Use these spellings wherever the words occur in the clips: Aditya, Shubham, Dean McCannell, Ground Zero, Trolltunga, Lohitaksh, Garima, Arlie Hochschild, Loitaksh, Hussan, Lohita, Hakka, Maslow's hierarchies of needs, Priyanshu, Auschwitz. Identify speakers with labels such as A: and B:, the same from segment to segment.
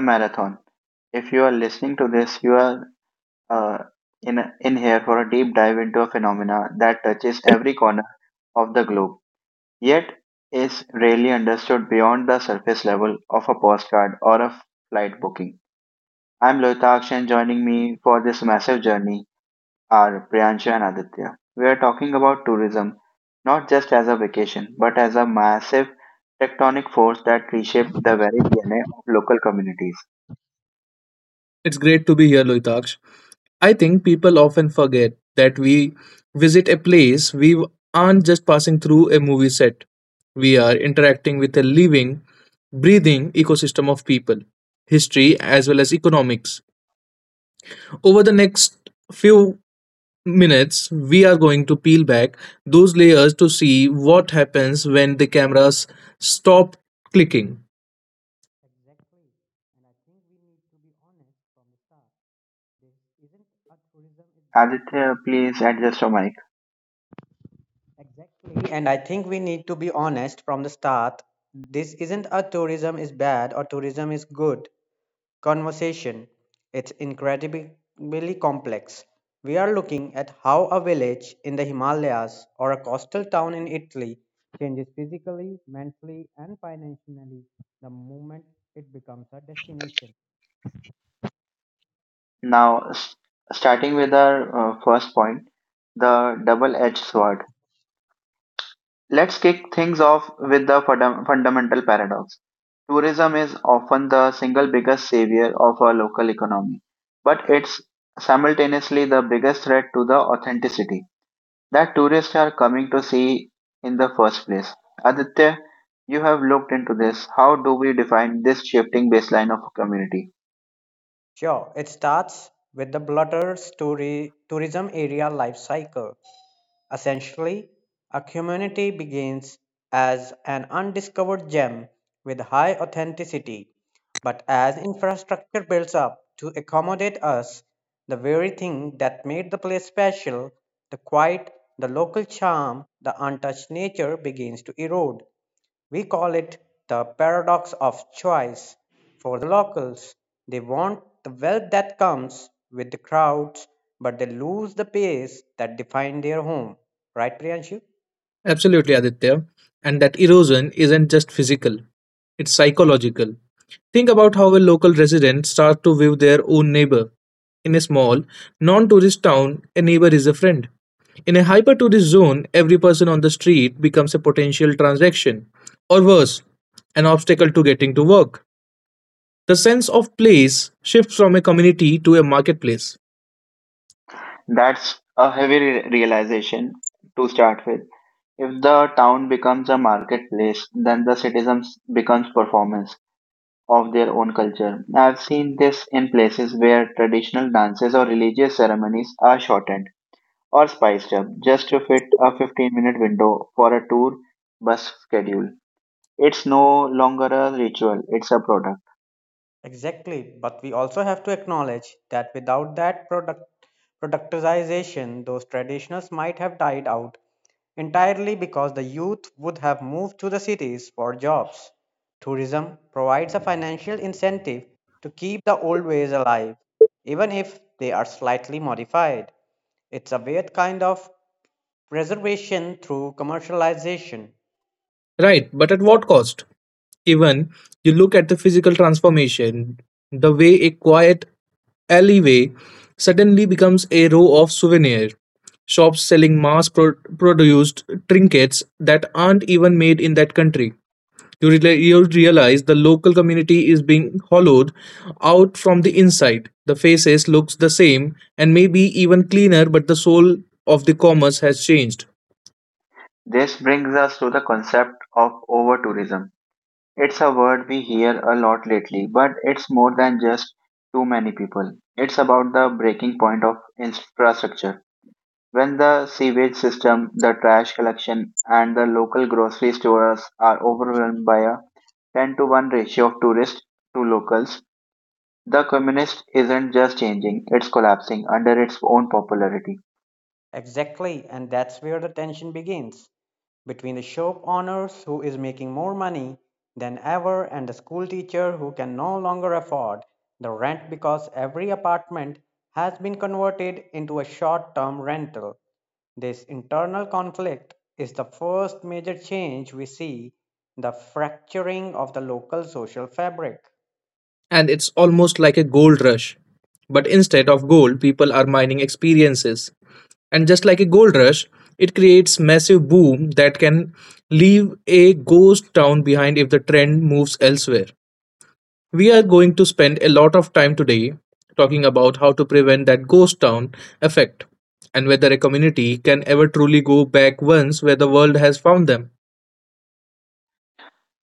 A: marathon. If you are listening to this, you are uh, in here for a deep dive into a phenomena that touches every corner of the globe, yet is rarely understood beyond the surface level of a postcard or a flight booking. I'm Lohitaksh, and joining me for this massive journey are Priyanshu and Aditya. We are talking about tourism not just as a vacation, but as a massive tectonic force that reshaped the very DNA of local communities.
B: It's great to be here, Loitaksh. I think people often forget that we visit a place, we aren't just passing through a movie set. We are interacting with a living, breathing ecosystem of people, history, as well as economics. Over the next few minutes, we are going to peel back those layers to see what happens when the cameras stop clicking.
C: Exactly. And I think we need to be honest from the start. This isn't a tourism is bad or
A: Aditya, please adjust your mic.
C: Exactly. And I think we need to be honest from the start. This isn't a tourism is bad or tourism is good conversation. It's incredibly complex. We are looking at how a village in the Himalayas or a coastal town in Italy changes physically, mentally, and financially the moment it becomes a destination.
A: Now, starting with our first point, the double edged sword. Let's kick things off with the fundamental paradox. Tourism is often the single biggest savior of our local economy, but it's simultaneously the biggest threat to the authenticity that tourists are coming to see in the first place. Aditya, you have looked into this. How do we define this shifting baseline of a community?
C: Sure, it starts with the Blotter's tourism area life cycle. Essentially, a community begins as an undiscovered gem with high authenticity, but as infrastructure builds up to accommodate us, the very thing that made the place special, the quiet, the local charm, the untouched nature, begins to erode. We call it the paradox of choice. For the locals, they want the wealth that comes with the crowds, but they lose the pace that defines their home. Right, Priyanshu?
B: Absolutely, Aditya. And that erosion isn't just physical, it's psychological. Think about how a local resident starts to view their own neighbor. In a small, non tourist town, a neighbor is a friend. In a hyper tourist zone, every person on the street becomes a potential transaction, or worse, an obstacle to getting to work. The sense of place shifts from a community to a marketplace.
A: That's a heavy realization to start with. If the town becomes a marketplace, then the citizens becomes performance of their own culture. I've seen this in places where traditional dances or religious ceremonies are shortened or spiced up just to fit a 15-minute window for a tour bus schedule. It's no longer a ritual, it's a product.
C: Exactly, but we also have to acknowledge that without that productization, those traditionals might have died out entirely because the youth would have moved to the cities for jobs. Tourism provides a financial incentive to keep the old ways alive, even if they are slightly modified. It's a weird kind of preservation through commercialization.
B: Right, but at what cost? Even you look at the physical transformation, the way a quiet alleyway suddenly becomes a row of souvenir shops selling produced trinkets that aren't even made in that country. You realize the local community is being hollowed out from the inside. The faces looks the same and maybe even cleaner, but the soul of the commerce has changed.
A: This brings us to the concept of over tourism. It's a word we hear a lot lately, but it's more than just too many people. It's about the breaking point of infrastructure. When the sewage system, the trash collection, and the local grocery stores are overwhelmed by a 10 to 1 ratio of tourists to locals, the communist isn't just changing, it's collapsing under its own popularity.
C: Exactly, and that's where the tension begins, between the shop owners who is making more money than ever and the school teacher who can no longer afford the rent because every apartment has been converted into a short term rental. This internal conflict is the first major change we see, the fracturing of the local social fabric.
B: And it's almost like a gold rush. But instead of gold, people are mining experiences. And just like a gold rush, it creates massive boom that can leave a ghost town behind if the trend moves elsewhere. We are going to spend a lot of time today talking about how to prevent that ghost town effect and whether a community can ever truly go back once where the world has found them.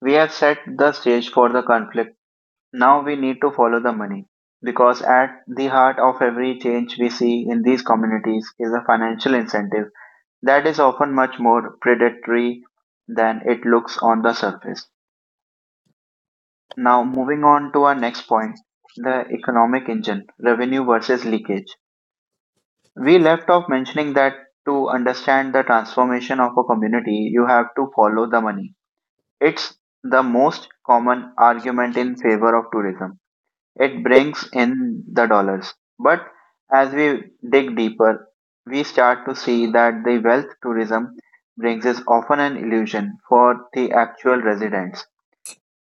A: We have set the stage for the conflict. Now we need to follow the money, because at the heart of every change we see in these communities is a financial incentive that is often much more predatory than it looks on the surface. Now, moving on to our next point, the economic engine, revenue versus leakage. We left off mentioning that to understand the transformation of a community, you have to follow the money. It's the most common argument in favor of tourism. It brings in the dollars. But as we dig deeper, we start to see that the wealth tourism brings is often an illusion for the actual residents.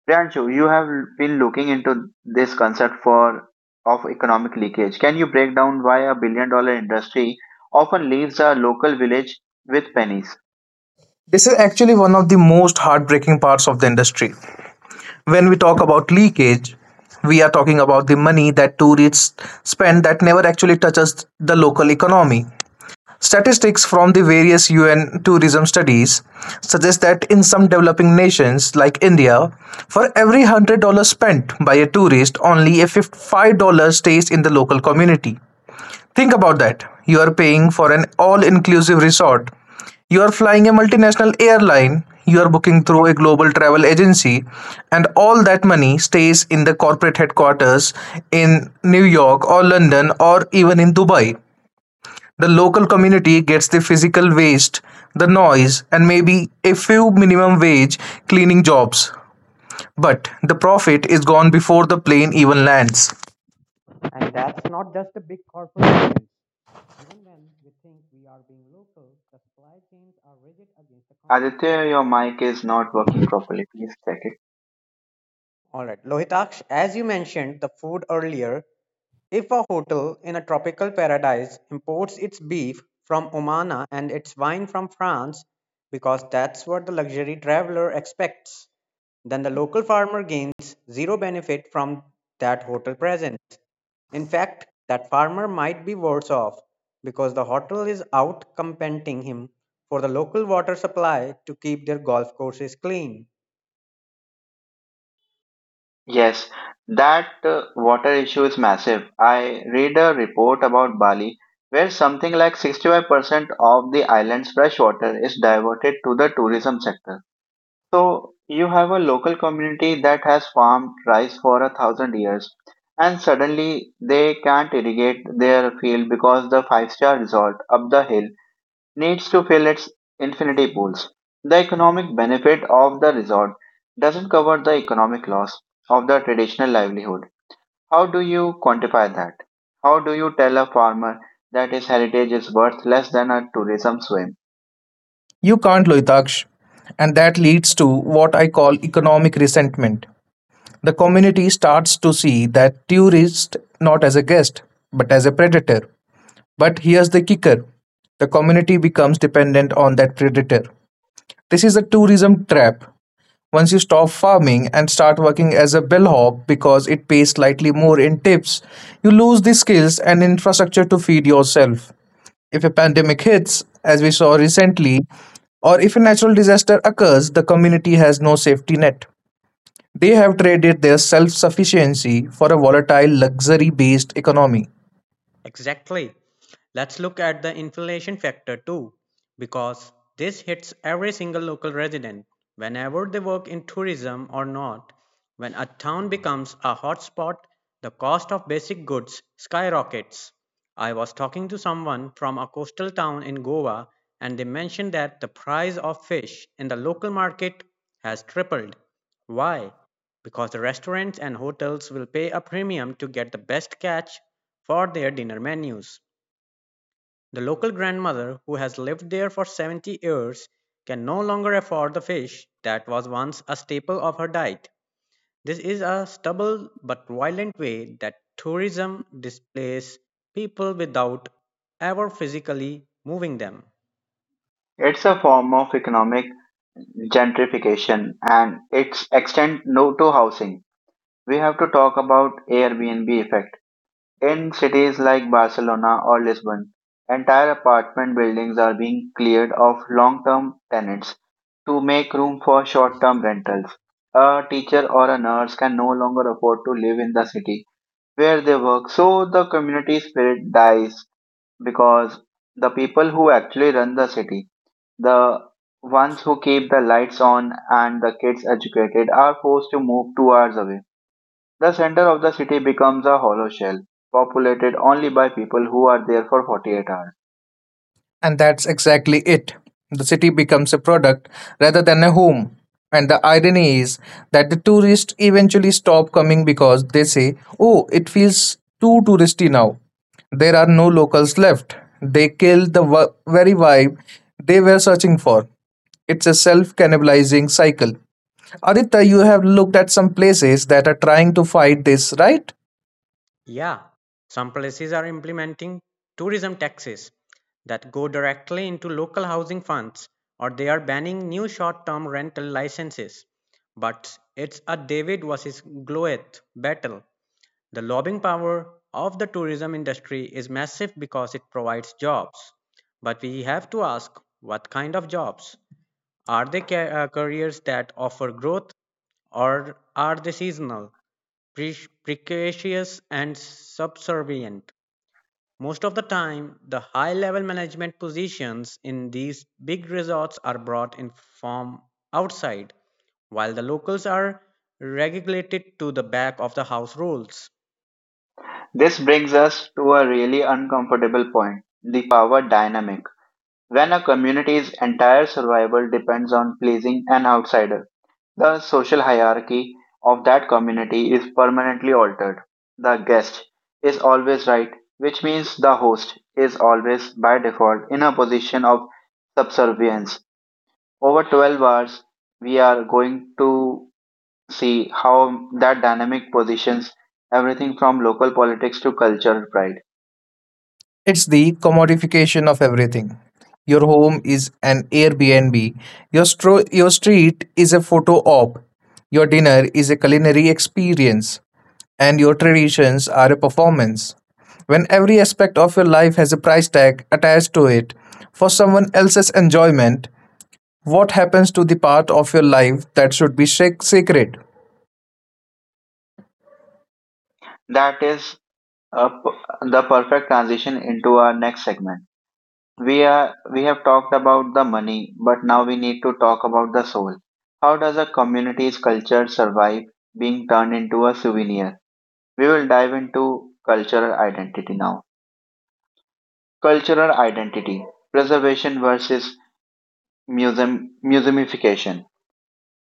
A: Priyanshu, you have been looking into this concept for of economic leakage. Can you break down why a billion dollar industry often leaves a local village with pennies?
B: This is actually one of the most heartbreaking parts of the industry. When we talk about leakage, we are talking about the money that tourists spend that never actually touches the local economy. Statistics from the various UN tourism studies suggest that in some developing nations like India, for every $100 spent by a tourist, only a $5 stays in the local community. Think about that. You are paying for an all inclusive resort. You are flying a multinational airline. You are booking through a global travel agency. And all that money stays in the corporate headquarters in New York or London or even in Dubai. The local community gets the physical waste, the noise, and maybe a few minimum wage cleaning jobs. But the profit is gone before the plane even lands.
C: And that's not just the big corporations. Even when we think we are being local, the supply chains are rigid against the community.
A: Aditya, your mic is not working properly. Please check it.
C: All right, Lohitaksh, as you mentioned the food earlier, if a hotel in a tropical paradise imports its beef from Oman and its wine from France because that's what the luxury traveler expects, then the local farmer gains zero benefit from that hotel presence. In fact, that farmer might be worse off because the hotel is out competing him for the local water supply to keep their golf courses clean.
A: Yes, that water issue is massive. I read a report about Bali where something like 65% of the island's fresh water is diverted to the tourism sector. So you have a local community that has farmed rice for 1,000 years, and suddenly they can't irrigate their field because the five-star resort up the hill needs to fill its infinity pools. The economic benefit of the resort doesn't cover the economic loss of the traditional livelihood. How do you quantify that? How do you tell a farmer that his heritage is worth less than a tourism swim?
B: You can't, Loitaksh. And that leads to what I call economic resentment. The community starts to see that tourist not as a guest, but as a predator. But here's the kicker, the community becomes dependent on that predator. This is a tourism trap. Once you stop farming and start working as a bellhop because it pays slightly more in tips, you lose the skills and infrastructure to feed yourself. If a pandemic hits, as we saw recently, or if a natural disaster occurs, the community has no safety net. They have traded their self sufficiency for a volatile, luxury based economy.
C: Exactly. Let's look at the inflation factor too, because this hits every single local resident, whenever they work in tourism or not. When a town becomes a hotspot, the cost of basic goods skyrockets. I was talking to someone from a coastal town in Goa, and they mentioned that the price of fish in the local market has tripled. Why? Because the restaurants and hotels will pay a premium to get the best catch for their dinner menus. The local grandmother who has lived there for 70 years can no longer afford the fish that was once a staple of her diet. This is a stubborn but violent way that tourism displaces people without ever physically moving them.
A: It's a form of economic gentrification, and its extent no to housing. We have to talk about Airbnb effect. In cities like Barcelona or Lisbon, entire apartment buildings are being cleared of long term tenants to make room for short term rentals. A teacher or a nurse can no longer afford to live in the city where they work, so the community spirit dies because the people who actually run the city, the ones who keep the lights on and the kids educated, are forced to move 2 hours away. The center of the city becomes a hollow shell, populated only by people who are there for 48 hours.
B: And that's exactly it. The city becomes a product rather than a home. And the irony is that the tourists eventually stop coming because they say, oh, it feels too touristy now. There are no locals left. They kill the very vibe they were searching for. It's a self cannibalizing cycle. Aditya, you have looked at some places that are trying to fight this, right?
C: Yeah, some places are implementing tourism taxes that go directly into local housing funds, or they are banning new short term rental licenses. But it's a David versus Goliath battle. The lobbying power of the tourism industry is massive because it provides jobs. But we have to ask, what kind of jobs? Are they careers that offer growth, or are they seasonal, pre- precarious, and subservient? Most of the time, the high level management positions in these big resorts are brought in from outside, while the locals are relegated to the back of the house roles.
A: This brings us to a really uncomfortable point, the power dynamic. When a community's entire survival depends on pleasing an outsider, the social hierarchy of that community is permanently altered. The guest is always right, which means the host is always by default in a position of subservience. Over 12 hours, we are going to see how that dynamic positions everything from local politics to cultural pride.
B: It's the commodification of everything. Your home is an Airbnb. Your street is a photo op. Your dinner is a culinary experience. And your traditions are a performance. When every aspect of your life has a price tag attached to it for someone else's enjoyment, what happens to the part of your life that should be sacred?
A: That is a the perfect transition into our next segment. We have talked about the money, but now we need to talk about the soul. How does a community's culture survive being turned into a souvenir? We will dive into cultural identity now. Cultural identity preservation versus museumification.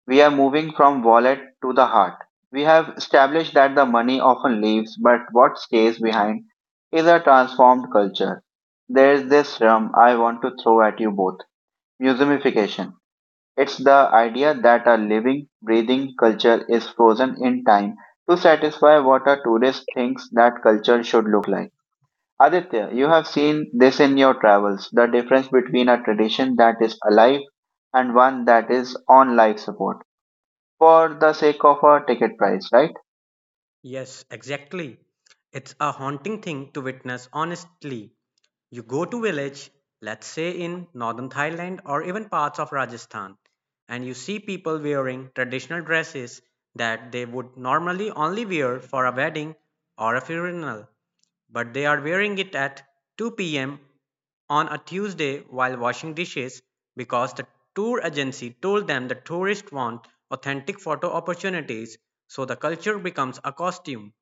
A: We are moving from wallet to the heart. We have established that the money often leaves, but what stays behind is a transformed culture. There is this term I want to throw at you both, museumification. It's the idea that a living, breathing culture is frozen in time to satisfy what a tourist thinks that culture should look like. Aditya, you have seen this in your travels, the difference between a tradition that is alive and one that is on life support for the sake of a ticket price, right?
C: Yes, exactly. It's a haunting thing to witness, honestly. You go to village, let's say in northern Thailand or even parts of Rajasthan, and you see people wearing traditional dresses that they would normally only wear for a wedding or a funeral, but they are wearing it at 2 p.m. on a Tuesday while washing dishes because the tour agency told them the tourists want authentic photo opportunities, so the culture becomes a costume.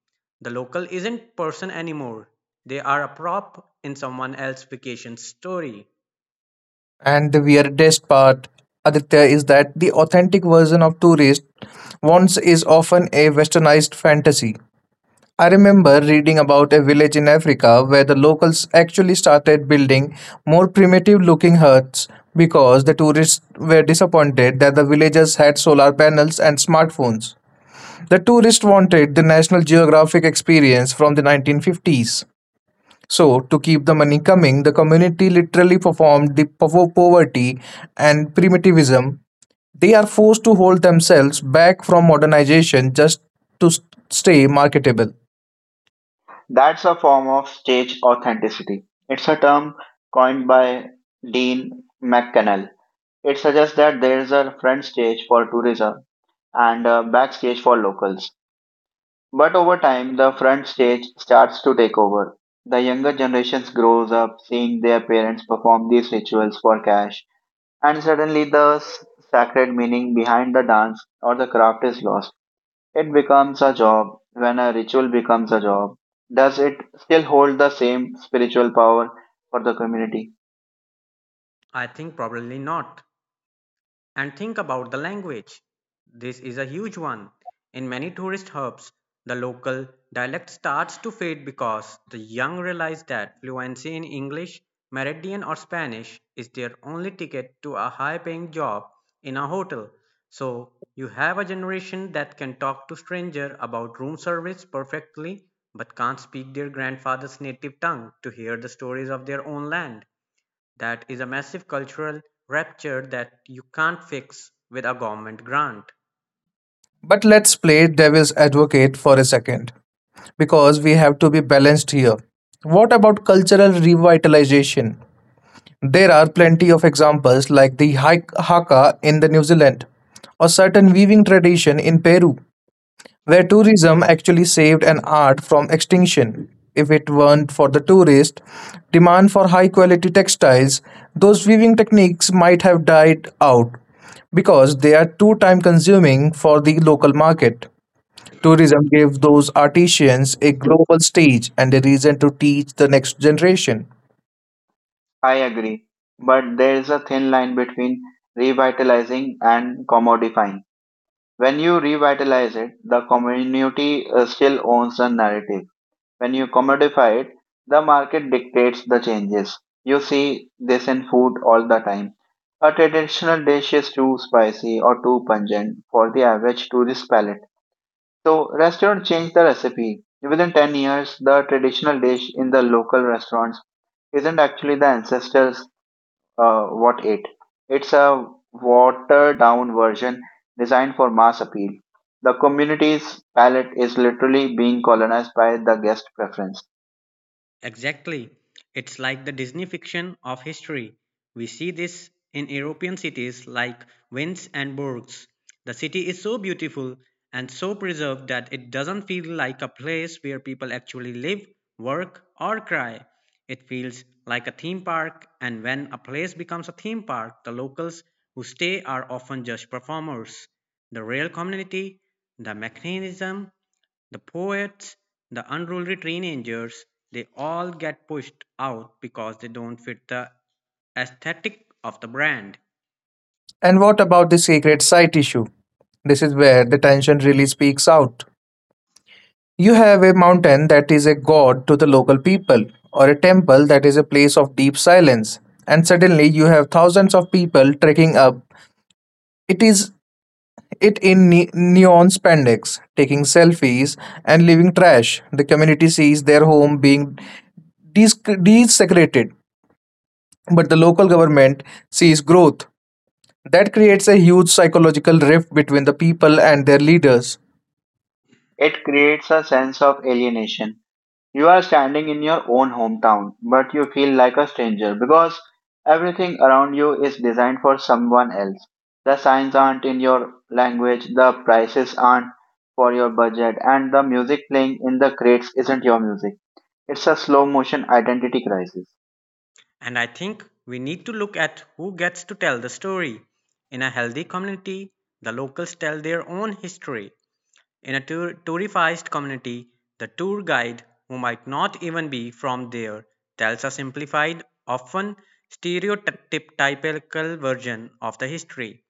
C: The local isn't person anymore. They are a prop in someone else's vacation story.
B: And the weirdest part, Aditya, is that the authentic version of tourist wants is often a westernized fantasy. I remember reading about a village in Africa where the locals actually started building more primitive looking huts because the tourists were disappointed that the villagers had solar panels and smartphones. The tourists wanted the National Geographic experience from the 1950s. So, to keep the money coming, the community literally performed the poverty and primitivism. They are forced to hold themselves back from modernization just to stay marketable.
A: That's a form of stage authenticity. It's a term coined by Dean McCannell. It suggests that there is a front stage for tourism and a backstage for locals. But over time, the front stage starts to take over. The younger generations grows up seeing their parents perform these rituals for cash, and suddenly the sacred meaning behind the dance or the craft is lost. It becomes a job. When a ritual becomes a job, does it still hold the same spiritual power for the community?
C: I think probably not. And think about the language. This is a huge one. In many tourist hubs, the local dialect starts to fade because the young realize that fluency in English, Meridian, or Spanish is their only ticket to a high paying job in a hotel. So, you have a generation that can talk to stranger about room service perfectly but can't speak their grandfather's native tongue to hear the stories of their own land. That is a massive cultural rupture that you can't fix with a government grant.
B: But let's play devil's advocate for a second, because we have to be balanced here. What about cultural revitalization? There are plenty of examples like the Hakka in the New Zealand or certain weaving tradition in Peru where tourism actually saved an art from extinction. If it weren't for the tourist demand for high quality textiles, those weaving techniques might have died out because they are too time consuming for the local market. Tourism gave those artisans a global stage and a reason to teach the next generation.
A: I agree, but there is a thin line between revitalizing and commodifying. When you revitalize it, the community still owns the narrative. When you commodify it, the market dictates the changes. You see this in food all the time. A traditional dish is too spicy or too pungent for the average tourist palate. So, restaurants change the recipe. Within 10 years, the traditional dish in the local restaurants isn't actually the ancestors what ate. It's a watered down version designed for mass appeal. The community's palate is literally being colonized by the guest preference.
C: Exactly. It's like the Disney fiction of history. We see this in European cities like Venice and Bourges. The city is so beautiful and so preserved that it doesn't feel like a place where people actually live, work, or cry. It feels like a theme park, and when a place becomes a theme park, the locals who stay are often just performers. The real community, the mechanism, the poets, the unruly teenagers, they all get pushed out because they don't fit the aesthetic of the brand.
B: And what about the sacred site issue? This is where the tension really speaks out. You have a mountain that is a god to the local people, or a temple that is a place of deep silence, and suddenly you have thousands of people trekking up. It is it in neon spandex, taking selfies and leaving trash. The community sees their home being desecrated, but the local government sees growth. That creates a huge psychological rift between the people and their leaders.
A: It creates a sense of alienation. You are standing in your own hometown, but you feel like a stranger because everything around you is designed for someone else. The signs aren't in your language, the prices aren't for your budget, and the music playing in the crates isn't your music. It's a slow motion identity crisis.
C: And I think we need to look at who gets to tell the story. In a healthy community, the locals tell their own history. In a tourified community, the tour guide, who might not even be from there, tells a simplified, often stereotypical version of the history.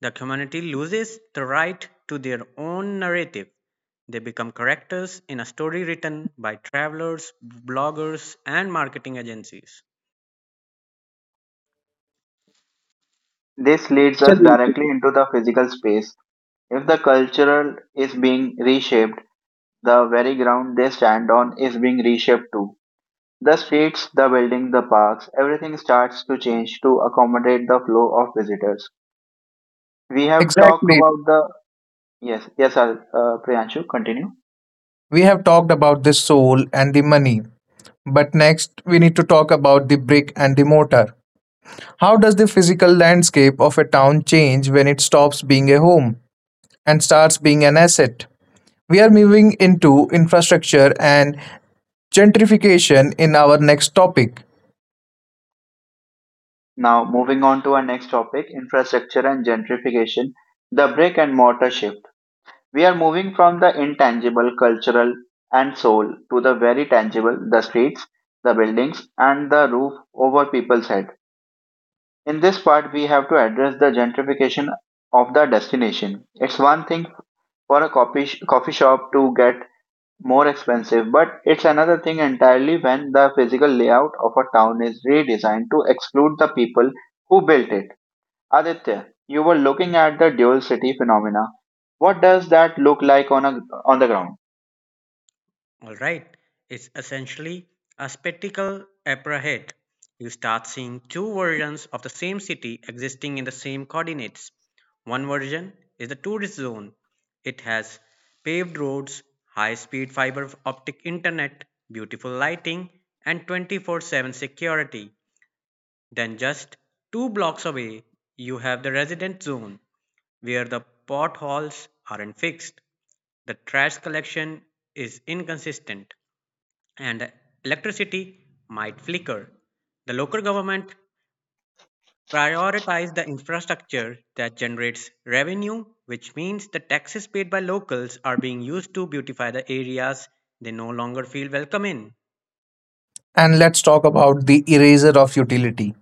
C: The community loses the right to their own narrative. They become characters in a story written by travelers, bloggers, and marketing agencies.
A: This leads us directly into the physical space. If the cultural is being reshaped, the very ground they stand on is being reshaped too. The streets, the buildings, the parks, everything starts to change to accommodate the flow of visitors. We have talked
B: Exactly.
A: about the yes, yes, Priyanshu, continue.
B: We have talked about the soul and the money, but next, we need to talk about the brick and the mortar. How does the physical landscape of a town change when it stops being a home and starts being an asset? We are moving into infrastructure and gentrification in our next topic.
A: Now, moving on to our next topic, infrastructure and gentrification, the brick and mortar shift. We are moving from the intangible, cultural, and soul to the very tangible, the streets, the buildings, and the roof over people's head. In this part, we have to address the gentrification of the destination. It's one thing for a coffee, coffee shop to get more expensive, but it's another thing entirely when the physical layout of a town is redesigned to exclude the people who built it. Aditya, you were looking at the dual city phenomena. What does that look like on a on the ground?
C: Alright, it's essentially a spectacle opera. You start seeing two versions of the same city existing in the same coordinates. One version is the tourist zone. It has paved roads, high speed fiber optic internet, beautiful lighting, and 24/7 security. Then, just two blocks away, you have the resident zone, where the potholes aren't fixed, the trash collection is inconsistent, and electricity might flicker. The local government prioritizes the infrastructure that generates revenue, which means the taxes paid by locals are being used to beautify the areas they no longer feel welcome in.
B: And let's talk about the eraser of utility.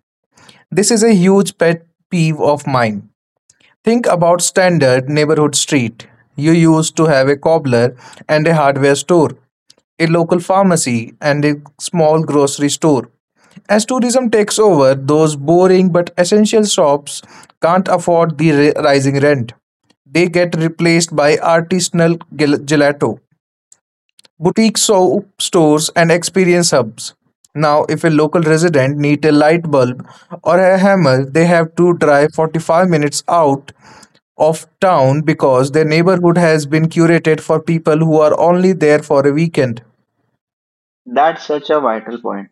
B: This is a huge pet peeve of mine. Think about standard neighborhood street. You used to have a cobbler and a hardware store, a local pharmacy, and a small grocery store. As tourism takes over, those boring but essential shops can't afford the rising rent. They get replaced by artisanal gelato, boutique soap stores, and experience hubs. Now, if a local resident needs a light bulb or a hammer, they have to drive 45 minutes out of town because their neighborhood has been curated for people who are only there for a weekend.
A: That's such a vital point.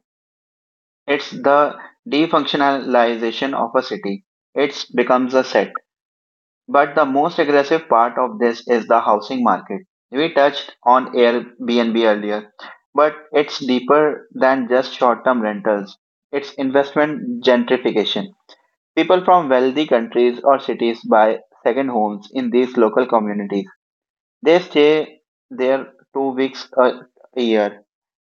A: It's the defunctionalization of a city. It becomes a set. But the most aggressive part of this is the housing market. We touched on Airbnb earlier, but it's deeper than just short term rentals. It's investment gentrification. People from wealthy countries or cities buy second homes in these local communities. They stay there 2 weeks a year,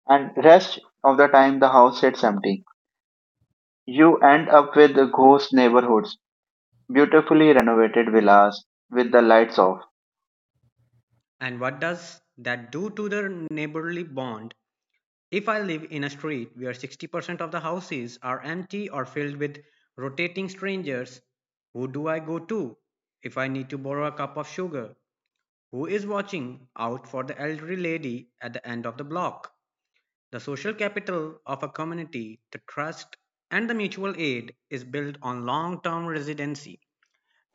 A: and rest of the time the house sits empty. You end up with ghost neighborhoods, beautifully renovated villas with the lights off.
C: And what does that do to the neighborly bond? If I live in a street where 60% of the houses are empty or filled with rotating strangers, who do I go to? If I need to borrow a cup of sugar, who is watching out for the elderly lady at the end of the block? The social capital of a community, the trust, and the mutual aid, is built on long term residency.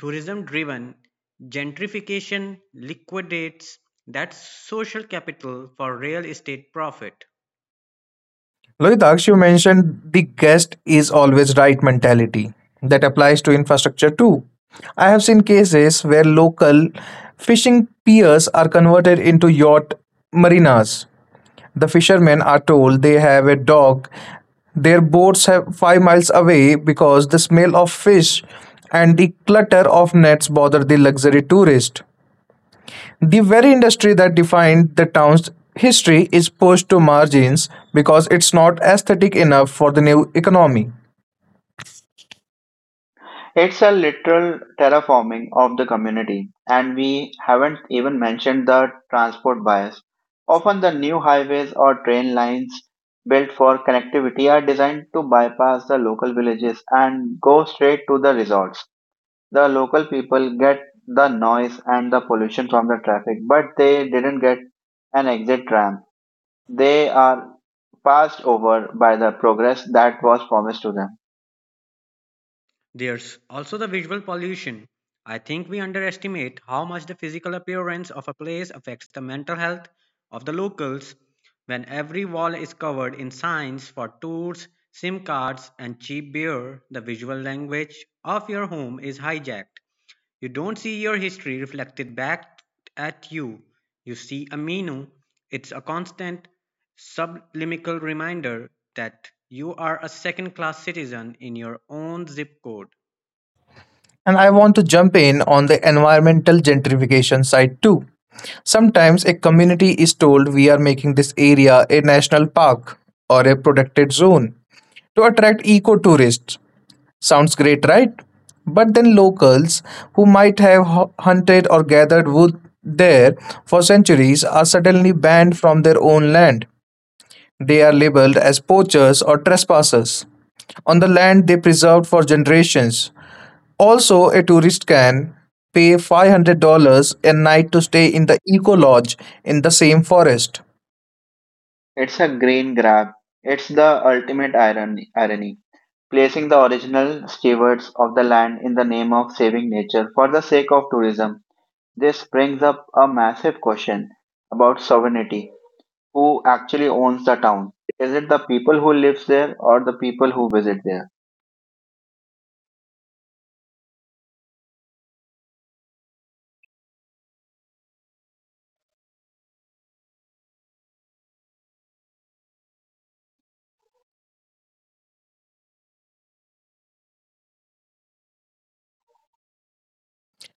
C: Tourism driven gentrification liquidates that social capital for real estate profit.
B: Lohitaksh, you mentioned the guest is always right mentality that applies to infrastructure too. I have seen cases where local fishing piers are converted into yacht marinas. The fishermen are told they have a dog. Their boats have 5 miles away because the smell of fish and the clutter of nets bother the luxury tourist. The very industry that defined the town's history is pushed to margins because it's not aesthetic enough for the new economy.
A: It's a literal terraforming of the community, and we haven't even mentioned the transport bias. Often, the new highways or train lines built for connectivity are designed to bypass the local villages and go straight to the resorts. The local people get the noise and the pollution from the traffic, but they didn't get an exit ramp. They are passed over by the progress that was promised to them.
C: There's also the visual pollution. I think we underestimate how much the physical appearance of a place affects the mental health of the locals when every wall is covered in signs for tours, SIM cards, and cheap beer. The visual language of your home is hijacked. You don't see your history reflected back at you. You see a menu. It's a constant subliminal reminder that you are a second class citizen in your own zip code.
B: And I want to jump in on the environmental gentrification side too. Sometimes a community is told we are making this area a national park or a protected zone to attract eco tourists. Sounds great, right? But then locals who might have hunted or gathered wood there for centuries are suddenly banned from their own land. They are labeled as poachers or trespassers on the land they preserved for generations. Also, a tourist can pay $500 a night to stay in the eco lodge in the same forest.
A: It's a grain grab. It's the ultimate irony, placing the original stewards of the land in the name of saving nature for the sake of tourism. This brings up a massive question about sovereignty. Who actually owns the town? Is it the people who live there or the people who visit there?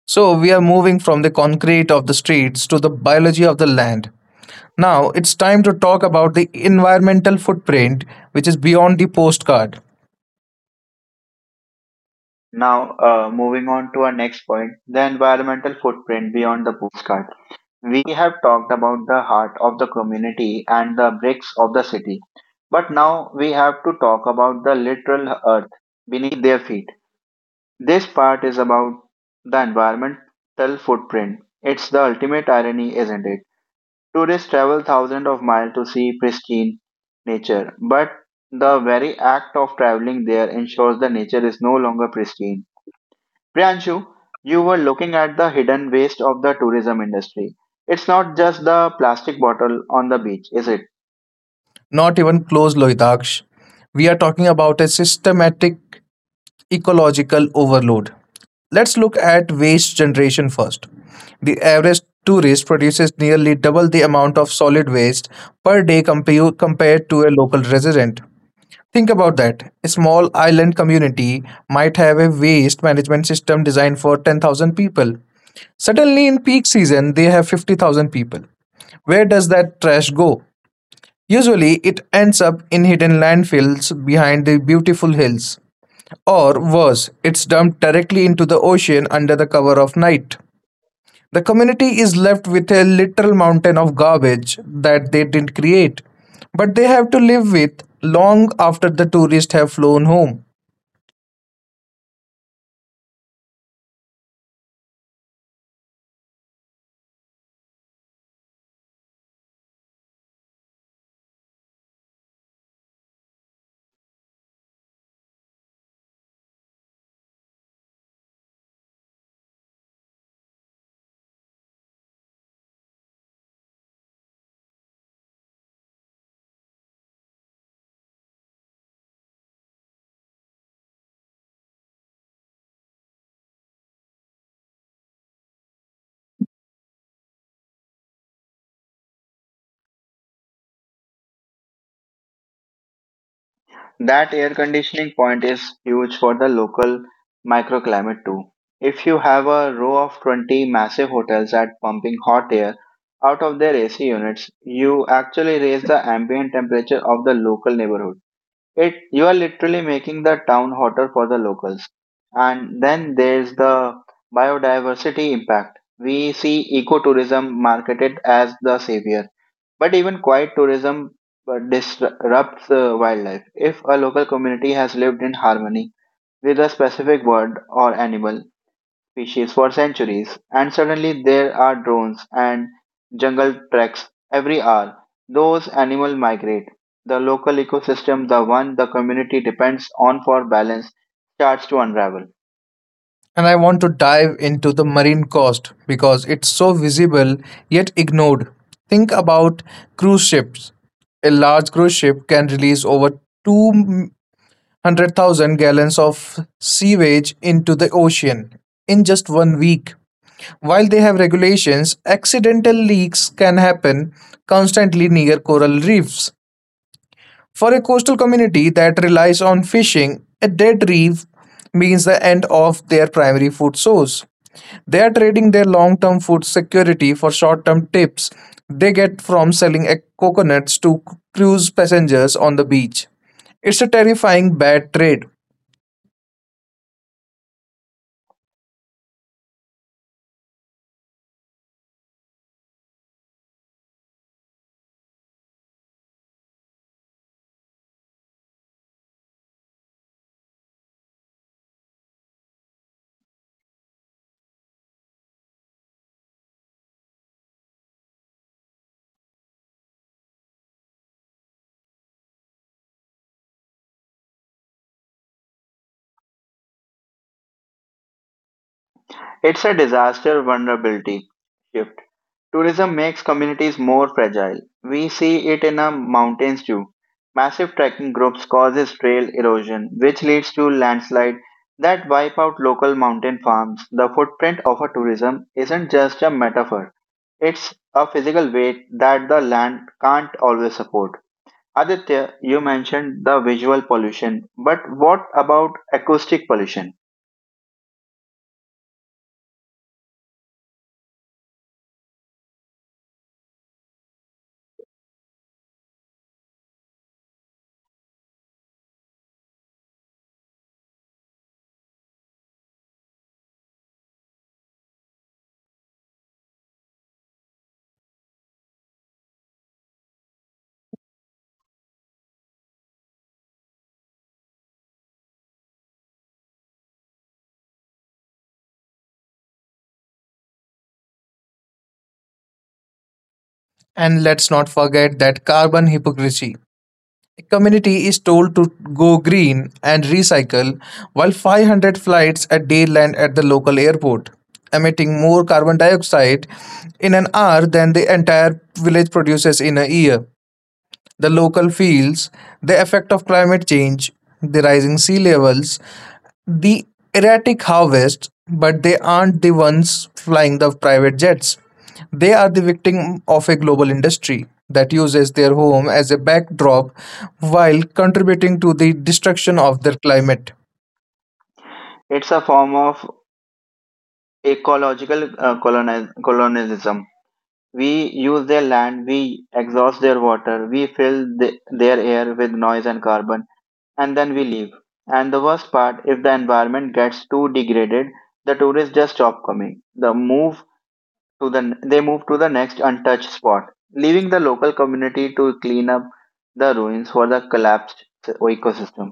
B: So, we are moving from the concrete of the streets to the biology of the land. Now, it's time to talk about the environmental footprint, which is beyond the postcard.
A: Now, moving on to our next point, the environmental footprint beyond the postcard. We have talked about the heart of the community and the bricks of the city, but now we have to talk about the literal earth beneath their feet. This part is about the environmental footprint. It's the ultimate irony, isn't it? Tourists travel thousands of miles to see pristine nature, but the very act of traveling there ensures the nature is no longer pristine. Priyanshu, you were looking at the hidden waste of the tourism industry. It's not just the plastic bottle on the beach, is it?
B: Not even close, Lohitaksh. We are talking about a systematic ecological overload. Let's look at waste generation first. The average tourist produces nearly double the amount of solid waste per day compared to a local resident. Think about that. A small island community might have a waste management system designed for 10,000 people. Suddenly, in peak season, they have 50,000 people. Where does that trash go? Usually, it ends up in hidden landfills behind the beautiful hills. Or worse, it's dumped directly into the ocean under the cover of night. The community is left with a literal mountain of garbage that they didn't create, but they have to live with long after the tourists have flown home.
A: That air conditioning point is huge for the local microclimate too. If you have a row of 20 massive hotels at pumping hot air out of their AC units, you actually raise the ambient temperature of the local neighborhood. It you are literally making the town hotter for the locals. And then there's the biodiversity impact. We see ecotourism marketed as the savior, but even quiet tourism disrupts wildlife. If a local community has lived in harmony with a specific bird or animal species for centuries, and suddenly there are drones and jungle treks every hour, those animals migrate. The local ecosystem, the one the community depends on for balance, starts to unravel.
B: And I want to dive into the marine cost because it's so visible yet ignored. Think about cruise ships. A large cruise ship can release over 2 100,000 gallons of sewage into the ocean in just 1 week. While they have regulations, accidental leaks can happen constantly near coral reefs. For a coastal community that relies on fishing, a dead reef means the end of their primary food source. They are trading their long term food security for short term tips they get from selling coconuts to cruise passengers on the beach. It's a terrifying bad trade.
A: It's a disaster vulnerability shift. Tourism makes communities more fragile. We see it in our mountains too. Massive trekking groups causes trail erosion, which leads to landslide that wipe out local mountain farms. The footprint of a tourism isn't just a metaphor. It's a physical weight that the land can't always support. Aditya, you mentioned the visual pollution, but what about acoustic pollution?
B: And let's not forget that carbon hypocrisy. A community is told to go green and recycle, while 500 flights a day land at the local airport, emitting more carbon dioxide in an hour than the entire village produces in a year. The local fields, the effect of climate change, the rising sea levels, the erratic harvest, but they aren't the ones flying the private jets. They are the victim of a global industry that uses their home as a backdrop while contributing to the destruction of their climate.
A: It's a form of ecological colonialism. We use their land, we exhaust their water, we fill the, their air with noise and carbon, and then we leave. And the worst part, if the environment gets too degraded, the tourists just stop coming. They move to the next untouched spot, leaving the local community to clean up the ruins for the collapsed ecosystem.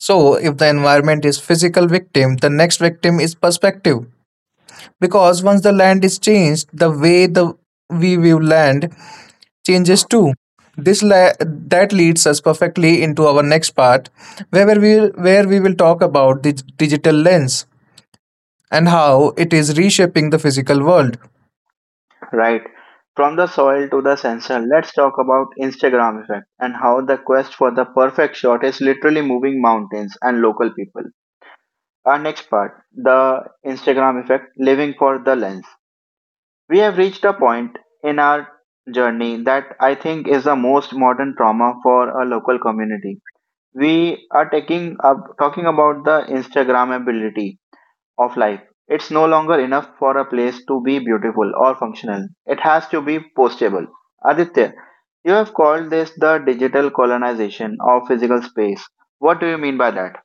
B: So, if the environment is physical victim, the next victim is perspective. Because once the land is changed, the way the we view land changes too. This la that leads us perfectly into our next part, where we will talk about the digital lens and how it is reshaping the physical world.
A: Right. From the soil to the sensor, let's talk about Instagram effect and how the quest for the perfect shot is literally moving mountains and local people. Our next part, the Instagram effect, living for the lens. We have reached a point in our journey that I think is the most modern trauma for a local community. We are talking about the Instagram of life. It's no longer enough for a place to be beautiful or functional. It has to be postable. Aditya, you have called this the digital colonization of physical space. What do you mean by that?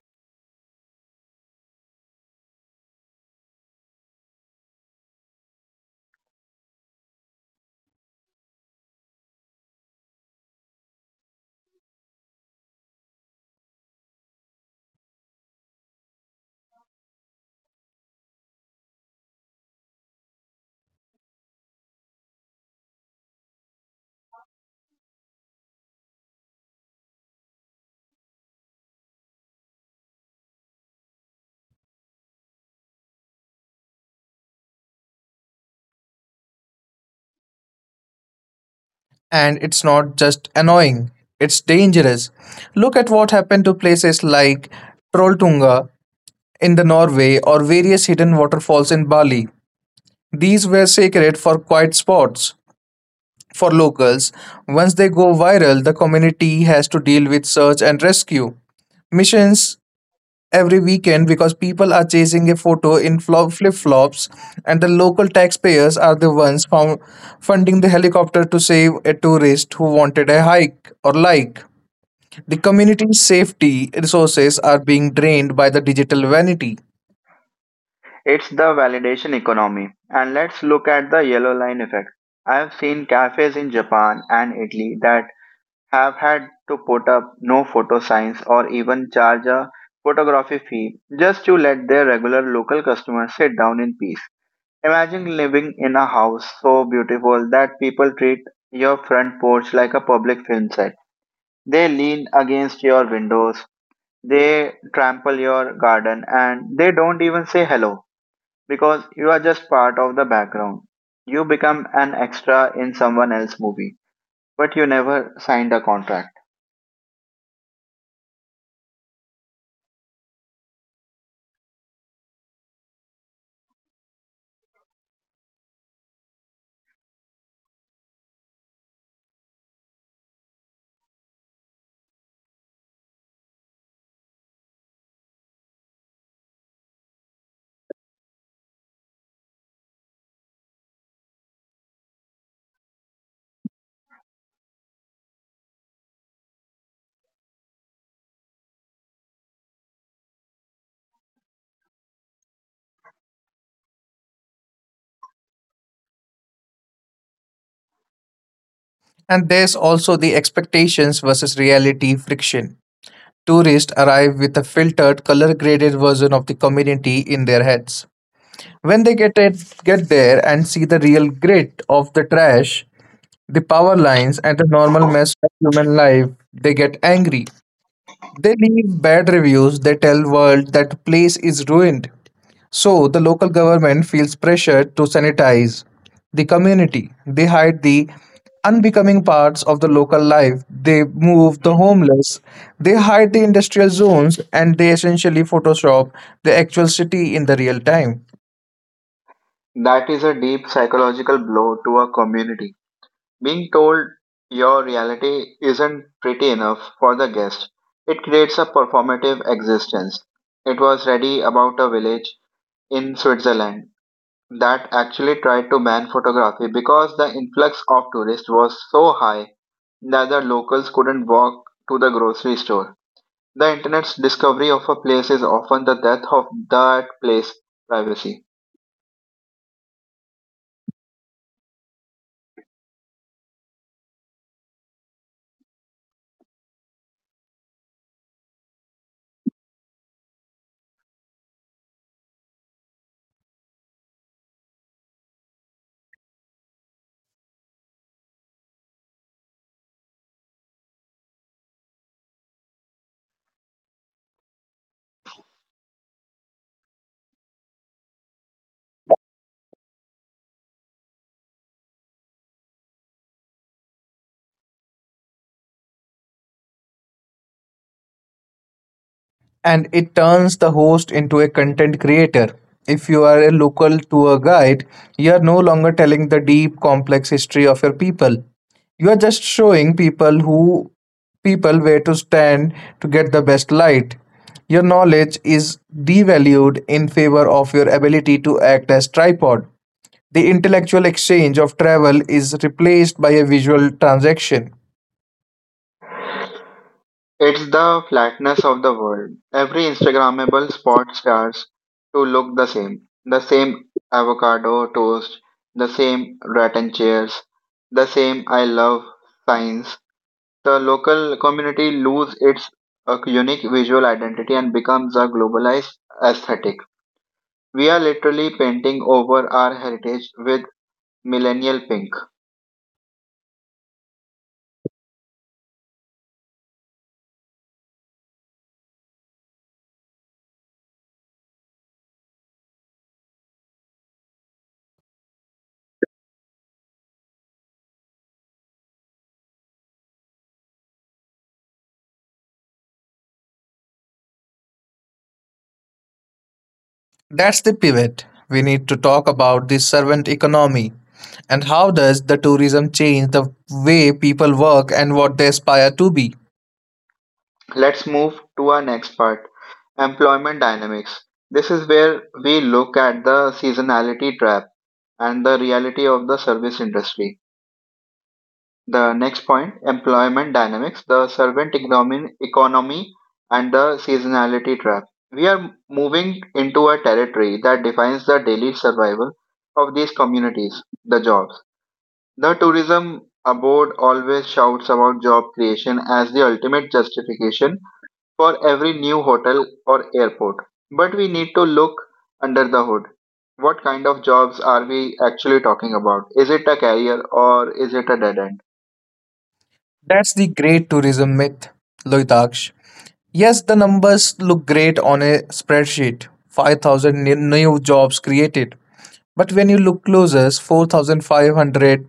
B: And it's not just annoying; it's dangerous. Look at what happened to places like Trolltunga in the Norway or various hidden waterfalls in Bali. These were sacred for quiet spots, for locals. Once they go viral, the community has to deal with search and rescue missions every weekend because people are chasing a photo in flip flops, and the local taxpayers are the ones found funding the helicopter to save a tourist who wanted a hike or like. The community's safety resources are being drained by the digital vanity.
A: It's the validation economy. And let's look at the yellow line effect. I have seen cafes in Japan and Italy that have had to put up no photo signs or even charge a photography fee just to let their regular local customers sit down in peace. Imagine living in a house so beautiful that people treat your front porch like a public film set. They lean against your windows, they trample your garden, and they don't even say hello because you are just part of the background. You become an extra in someone else's movie, but you never signed a contract.
B: And there's also the expectations versus reality friction. Tourists arrive with a filtered, color graded version of the community in their heads. When they get there and see the real grit of the trash, the power lines, and the normal mess of human life, they get angry. They leave bad reviews, they tell world that place is ruined. So the local government feels pressure to sanitize the community. They hide the unbecoming parts of the local life. They move the homeless. They hide the industrial zones and they essentially photoshop the actual city in the real time.
A: That is a deep psychological blow to a community. Being told your reality isn't pretty enough for the guest, it creates a performative existence. It was ready about a village in Switzerland that actually tried to ban photography because the influx of tourists was so high that the locals couldn't walk to the grocery store. The Internet's discovery of a place is often the death of that place' privacy.
B: And it turns the host into a content creator. If you are a local tour guide, you are no longer telling the deep, complex history of your people. You are just showing people who people where to stand to get the best light. Your knowledge is devalued in favor of your ability to act as tripod. The intellectual exchange of travel is replaced by a visual transaction.
A: It's the flatness of the world. Every Instagrammable spot starts to look the same. The same avocado toast, the same rattan chairs, the same I love signs. The local community loses its unique visual identity and becomes a globalized aesthetic. We are literally painting over our heritage with millennial pink.
B: That's the pivot. We need to talk about the servant economy and how does the tourism change the way people work and what they aspire to be.
A: Let's move to our next part, employment dynamics. This is where we look at the seasonality trap and the reality of the service industry. The next point, employment dynamics, the servant economy and the seasonality trap. We are moving into a territory that defines the daily survival of these communities, the jobs. The tourism board always shouts about job creation as the ultimate justification for every new hotel or airport. But we need to look under the hood. What kind of jobs are we actually talking about? Is it a career or is it a dead end?
B: That's the great tourism myth, Loitaksh. Yes, the numbers look great on a spreadsheet: 5,000 new jobs created. But when you look closer, 4,500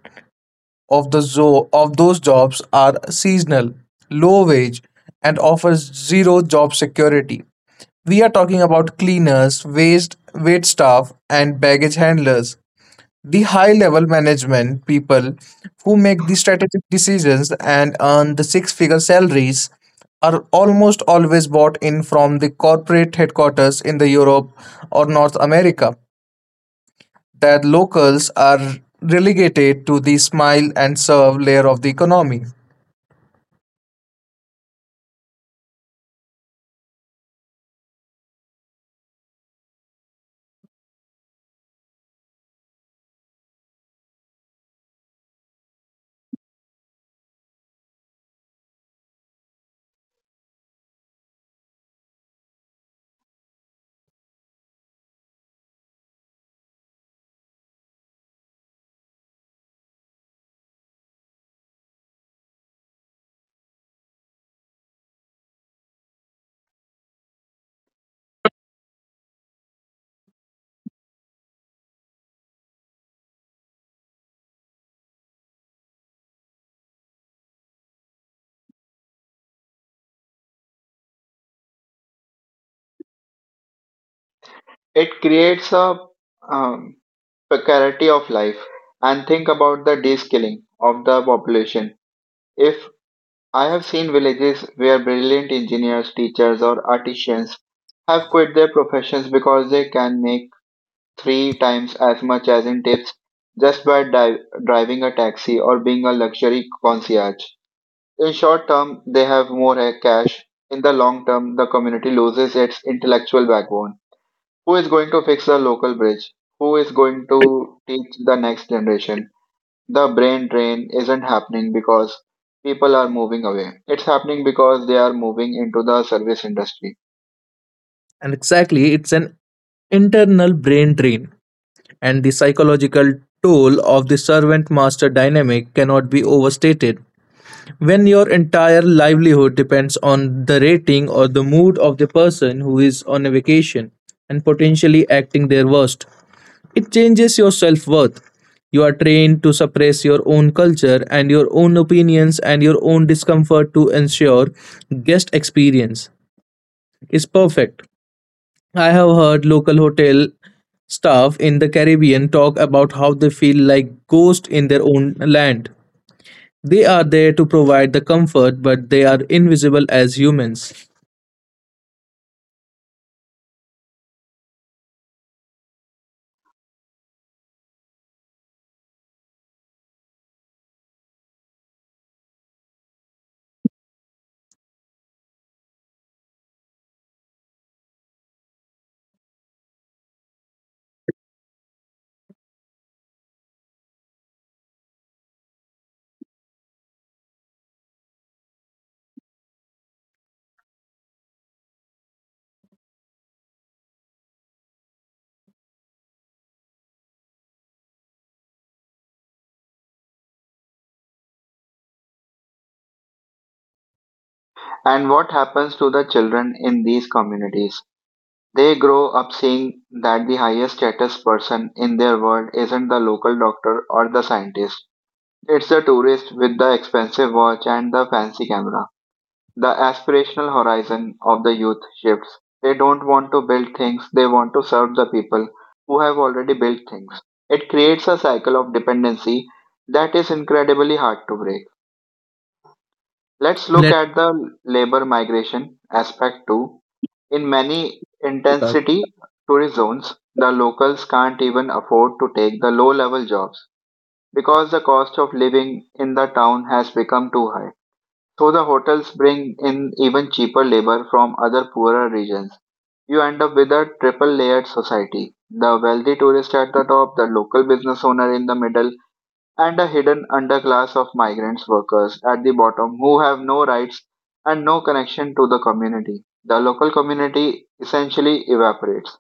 B: of those jobs are seasonal, low wage, and offers zero job security. We are talking about cleaners, waste, wait staff, and baggage handlers. The high level management people who make the strategic decisions and earn the six figure salaries are almost always bought in from the corporate headquarters in the Europe or North America that locals are relegated to the smile and serve layer of the economy.
A: It creates a um, precarity of life. And think about the de-skilling of the population. If I have seen villages where brilliant engineers, teachers, or artisans have quit their professions because they can make three times as much as in tips just by driving a taxi or being a luxury concierge. In short term, they have more cash. In the long term, the community loses its intellectual backbone. Who is going to fix the local bridge? Who is going to teach the next generation? The brain drain isn't happening because people are moving away. It's happening because they are moving into the service industry.
B: And exactly, it's an internal brain drain, and the psychological toll of the servant master dynamic cannot be overstated. When your entire livelihood depends on the rating or the mood of the person who is on a vacation and potentially acting their worst, it changes your self worth. You are trained to suppress your own culture and your own opinions and your own discomfort to ensure guest experience is perfect. I have heard local hotel staff in the Caribbean talk about how they feel like ghosts in their own land they are there to provide the comfort, but they are invisible as humans.
A: And what happens to the children in these communities? They grow up seeing that the highest status person in their world isn't the local doctor or the scientist. It's the tourist with the expensive watch and the fancy camera. The aspirational horizon of the youth shifts. They don't want to build things, they want to serve the people who have already built things. It creates a cycle of dependency that is incredibly hard to break. Let's look
B: Let's
A: at the labor migration aspect too. In many
B: talk.
A: intensity tourist zones, the locals can't even afford to take the low level jobs because the cost of living in the town has become too high. So the hotels bring in even cheaper labor from other poorer regions. You end up with a triple layered society, the wealthy tourist at the top, the local business owner in the middle, and a hidden underclass of migrants workers at the bottom who have no rights and no connection to the community. The local community essentially evaporates.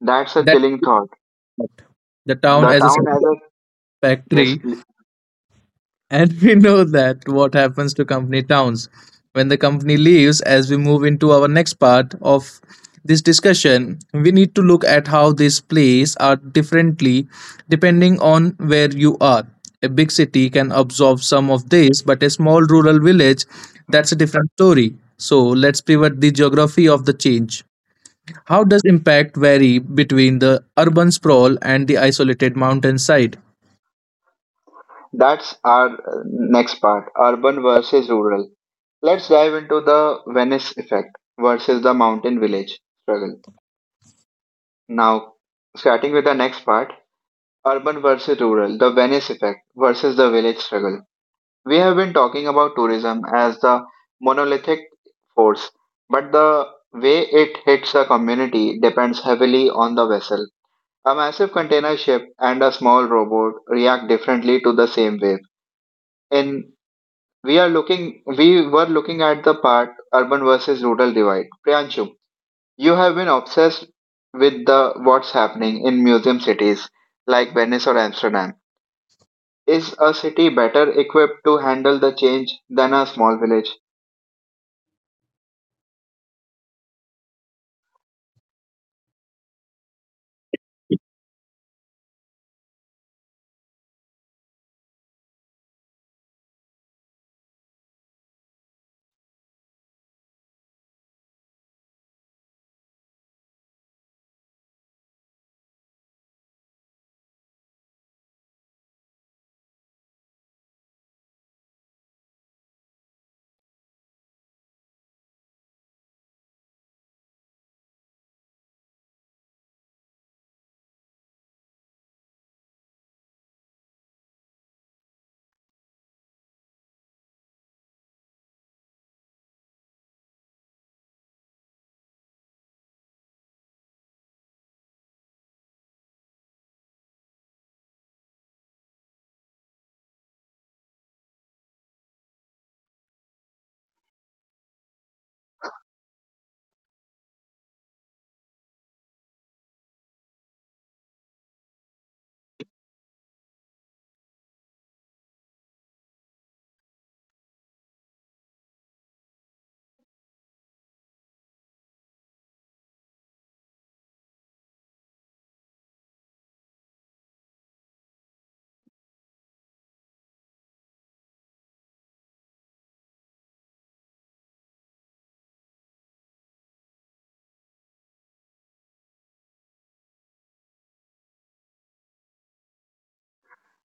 A: That's a
B: That
A: chilling thought.
B: the town
A: The
B: as a
A: town as a yes,
B: factory. And we know that what happens to company towns when the company leaves, as we move into our next part of this discussion, we need to look at how these plays are differently depending on where you are. A big city can absorb some of this, but a small rural village, that's a different story. So let's pivot the geography of the change. How does impact vary between the urban sprawl and the isolated mountainside?
A: that's our next part, urban versus rural. Let's dive into the Venice effect versus the mountain village struggle. Now, starting with the next part, urban versus rural, the Venice effect versus the village struggle. We have been talking about tourism as the monolithic force, but the way it hits a community depends heavily on the vessel. A massive container ship and a small rowboat react differently to the same wave. In we are looking We were looking at the part urban versus rural divide. Priyanshu, you have been obsessed with the what's happening in museum cities like Venice or Amsterdam. Is a city better equipped to handle the change than a small village?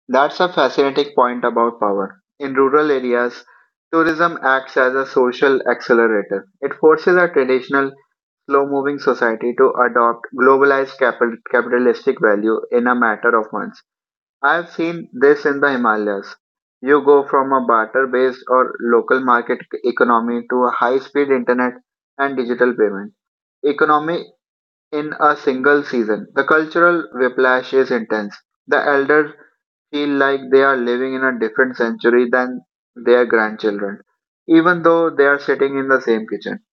A: That's a fascinating point about power. In rural areas, tourism acts as a social accelerator. It forces a traditional, slow moving society to adopt globalized capitalistic value in a matter of months. I've seen this in the Himalayas. You go from a barter based or local market economy to a high speed internet and digital payment economy in a single season. The cultural whiplash is intense. The elders feel like they are living in a different century than their grandchildren, even though they are sitting in the same kitchen.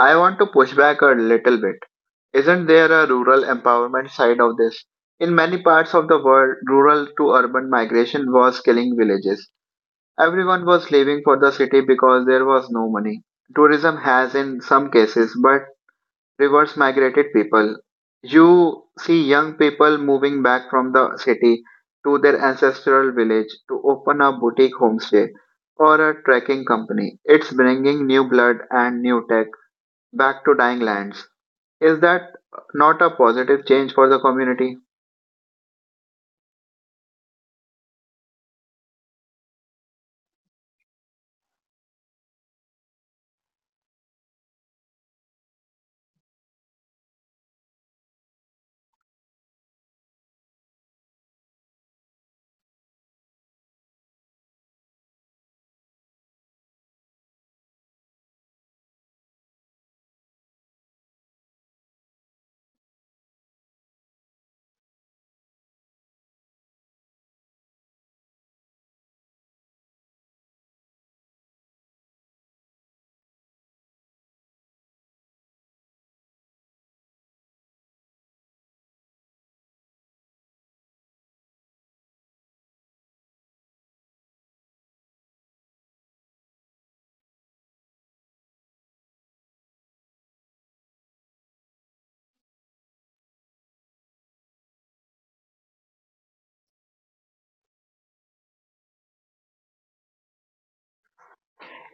A: I want to push back a little bit. Isn't there a rural empowerment side of this? In many parts of the world, rural to urban migration was killing villages. Everyone was leaving for the city because there was no money. Tourism has in some cases, but reverse migrated people. You see young people moving back from the city to their ancestral village to open a boutique homestay or a trekking company. It's bringing new blood and new tech back to dying lands. Is that not a positive change for the community?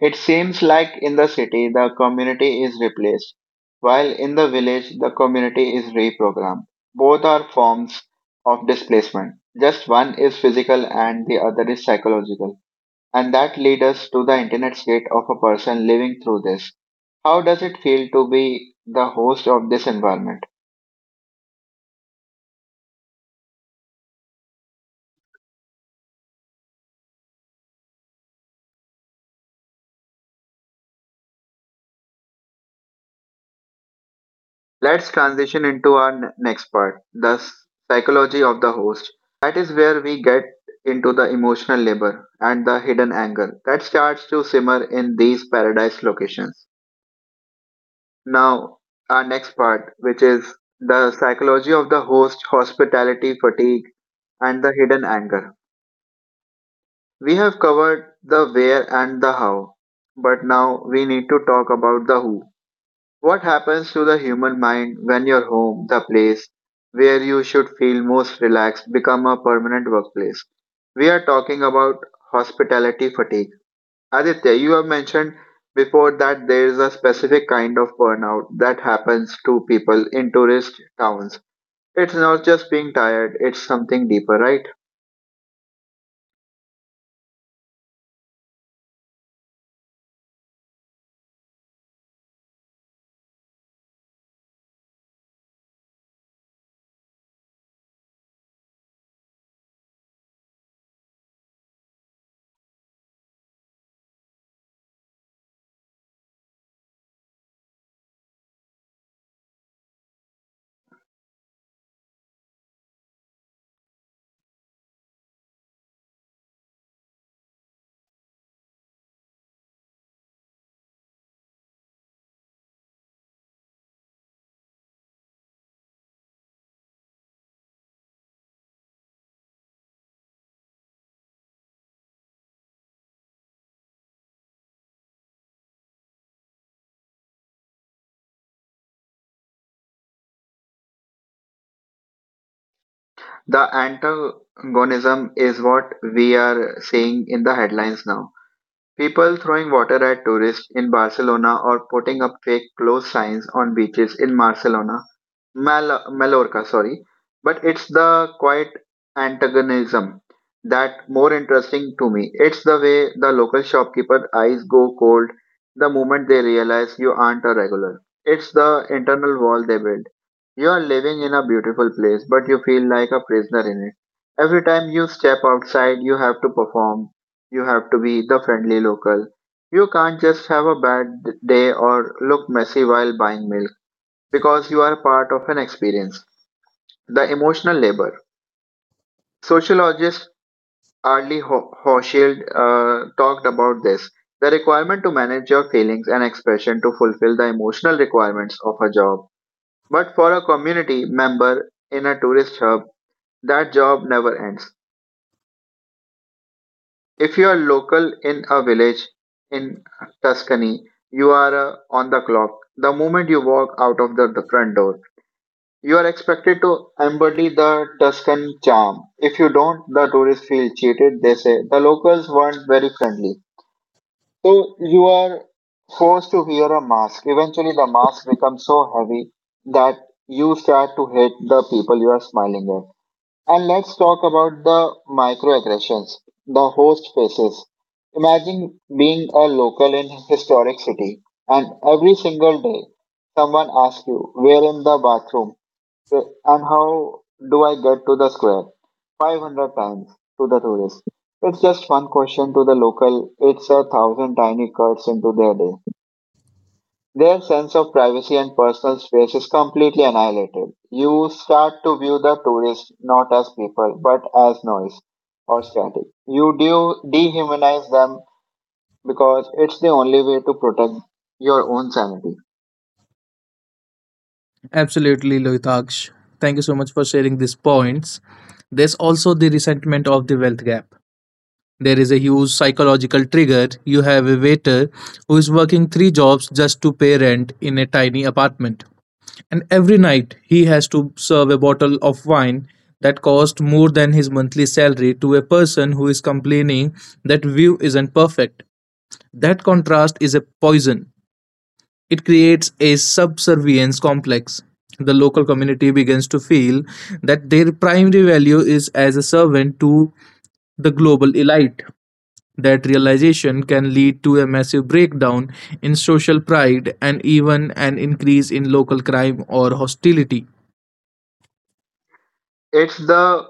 A: It seems like in the city the community is replaced, while in the village the community is reprogrammed. Both are forms of displacement. Just one is physical and the other is psychological. And that leads us to the internet state of a person living through this. How does it feel to be the host of this environment? Let's transition into our next part, the psychology of the host. That is where we get into the emotional labor and the hidden anger that starts to simmer in these paradise locations. Now, our next part, which is the psychology of the host, hospitality fatigue, and the hidden anger. We have covered the where and the how, but now we need to talk about the who. What happens to the human mind when your home, the place where you should feel most relaxed, become a permanent workplace? We are talking about hospitality fatigue. Aditya, you have mentioned before that there is a specific kind of burnout that happens to people in tourist towns. It's not just being tired, it's something deeper, right? The antagonism is what we are seeing in the headlines now. People throwing water at tourists in Barcelona or putting up fake clothes signs on beaches in Barcelona. Mallorca, sorry. But it's the quiet antagonism that more interesting to me. It's the way the local shopkeeper eyes go cold the moment they realize you aren't a regular. It's the internal wall they build. You are living in a beautiful place, but you feel like a prisoner in it. Every time you step outside, you have to perform. You have to be the friendly local. You can't just have a bad day or look messy while buying milk because you are part of an experience. The emotional labor. Sociologist Arlie Hochschild talked about this. The requirement to manage your feelings and expression to fulfill the emotional requirements of a job. But for a community member in a tourist hub, that job never ends. If you are local in a village in Tuscany, you are on the clock the moment you walk out of the front door. You are expected to embody the Tuscan charm. If you don't, the tourists feel cheated, they say. The locals weren't very friendly. So you are forced to wear a mask. Eventually, the mask becomes so heavy that you start to hate the people you are smiling at. And let's talk about the microaggressions, the host faces. Imagine being a local in historic city and every single day someone asks you, where in the bathroom? Okay, and how do I get to the square? 500 times to the tourist. It's just one question to the local, it's a thousand tiny cuts into their day. Their sense of privacy and personal space is completely annihilated. You start to view the tourists not as people, but as noise or static. You do dehumanize them because it's the only way to protect your own sanity.
B: Absolutely, Lohitaksh. Thank you so much for sharing these points. There's also the resentment of the wealth gap. There is a huge psychological trigger. You have a waiter who is working three jobs just to pay rent in a tiny apartment. And every night he has to serve a bottle of wine that cost more than his monthly salary to a person who is complaining that view isn't perfect. That contrast is a poison. It creates a subservience complex. The local community begins to feel that their primary value is as a servant to the global elite. That realization can lead to a massive breakdown in social pride and even an increase in local crime or hostility.
A: It's the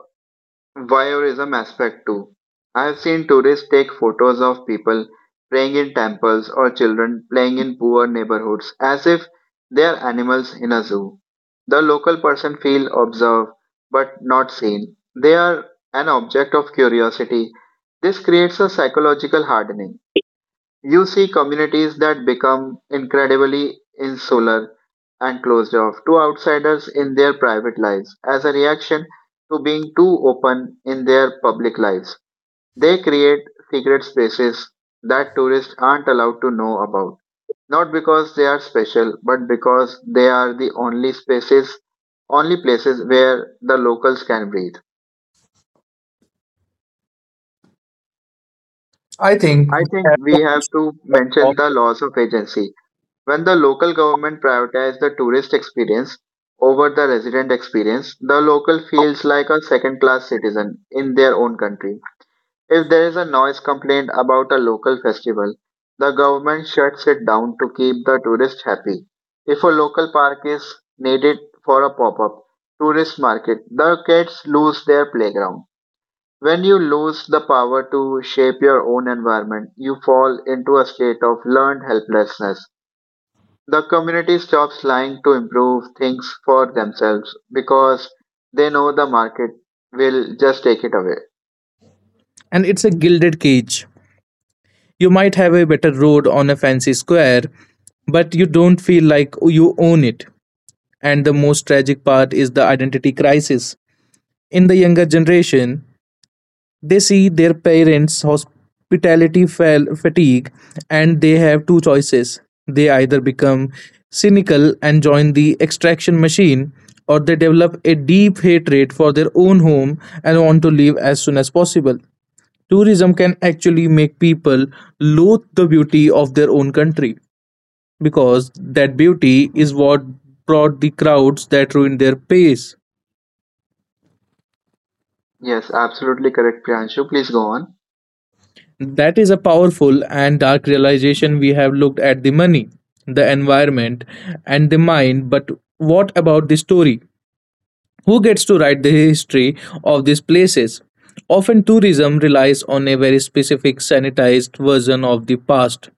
A: voyeurism aspect too. I have seen tourists take photos of people praying in temples or children playing in poor neighborhoods as if they are animals in a zoo. The local person feel observed but not seen. They are an object of curiosity. This creates a psychological hardening. You see communities that become incredibly insular and closed off to outsiders in their private lives as a reaction to being too open in their public lives. They create secret spaces that tourists aren't allowed to know about, not because they are special, but because they are the only spaces, only places where the locals can breathe.
B: I think
A: I
B: we
A: think
B: have
A: we have to mention the loss of agency. When the local government prioritizes the tourist experience over the resident experience, the local feels like a second class citizen in their own country. If there is a noise complaint about a local festival, the government shuts it down to keep the tourist happy. If a local park is needed for a pop up tourist market, the kids lose their playground. When you lose the power to shape your own environment, you fall into a state of learned helplessness. The community stops lying to improve things for themselves because they know the market will just take it away.
B: and it's a gilded cage. You might have a better road on a fancy square, but you don't feel like you own it. And the most tragic part is the identity crisis. In the younger generation, they see their parents' hospitality fatigue and they have two choices. They either become cynical and join the extraction machine, or they develop a deep hatred for their own home and want to leave as soon as possible. Tourism can actually make people loathe the beauty of their own country because that beauty is what brought the crowds that ruined their pace.
A: Yes, absolutely correct, Priyanshu. Please go on.
B: That is a powerful and dark realization. We have looked at the money, the environment, and the mind, but what about the story? Who gets to write the history of these places? Often, tourism relies on a very specific sanitized version of the past,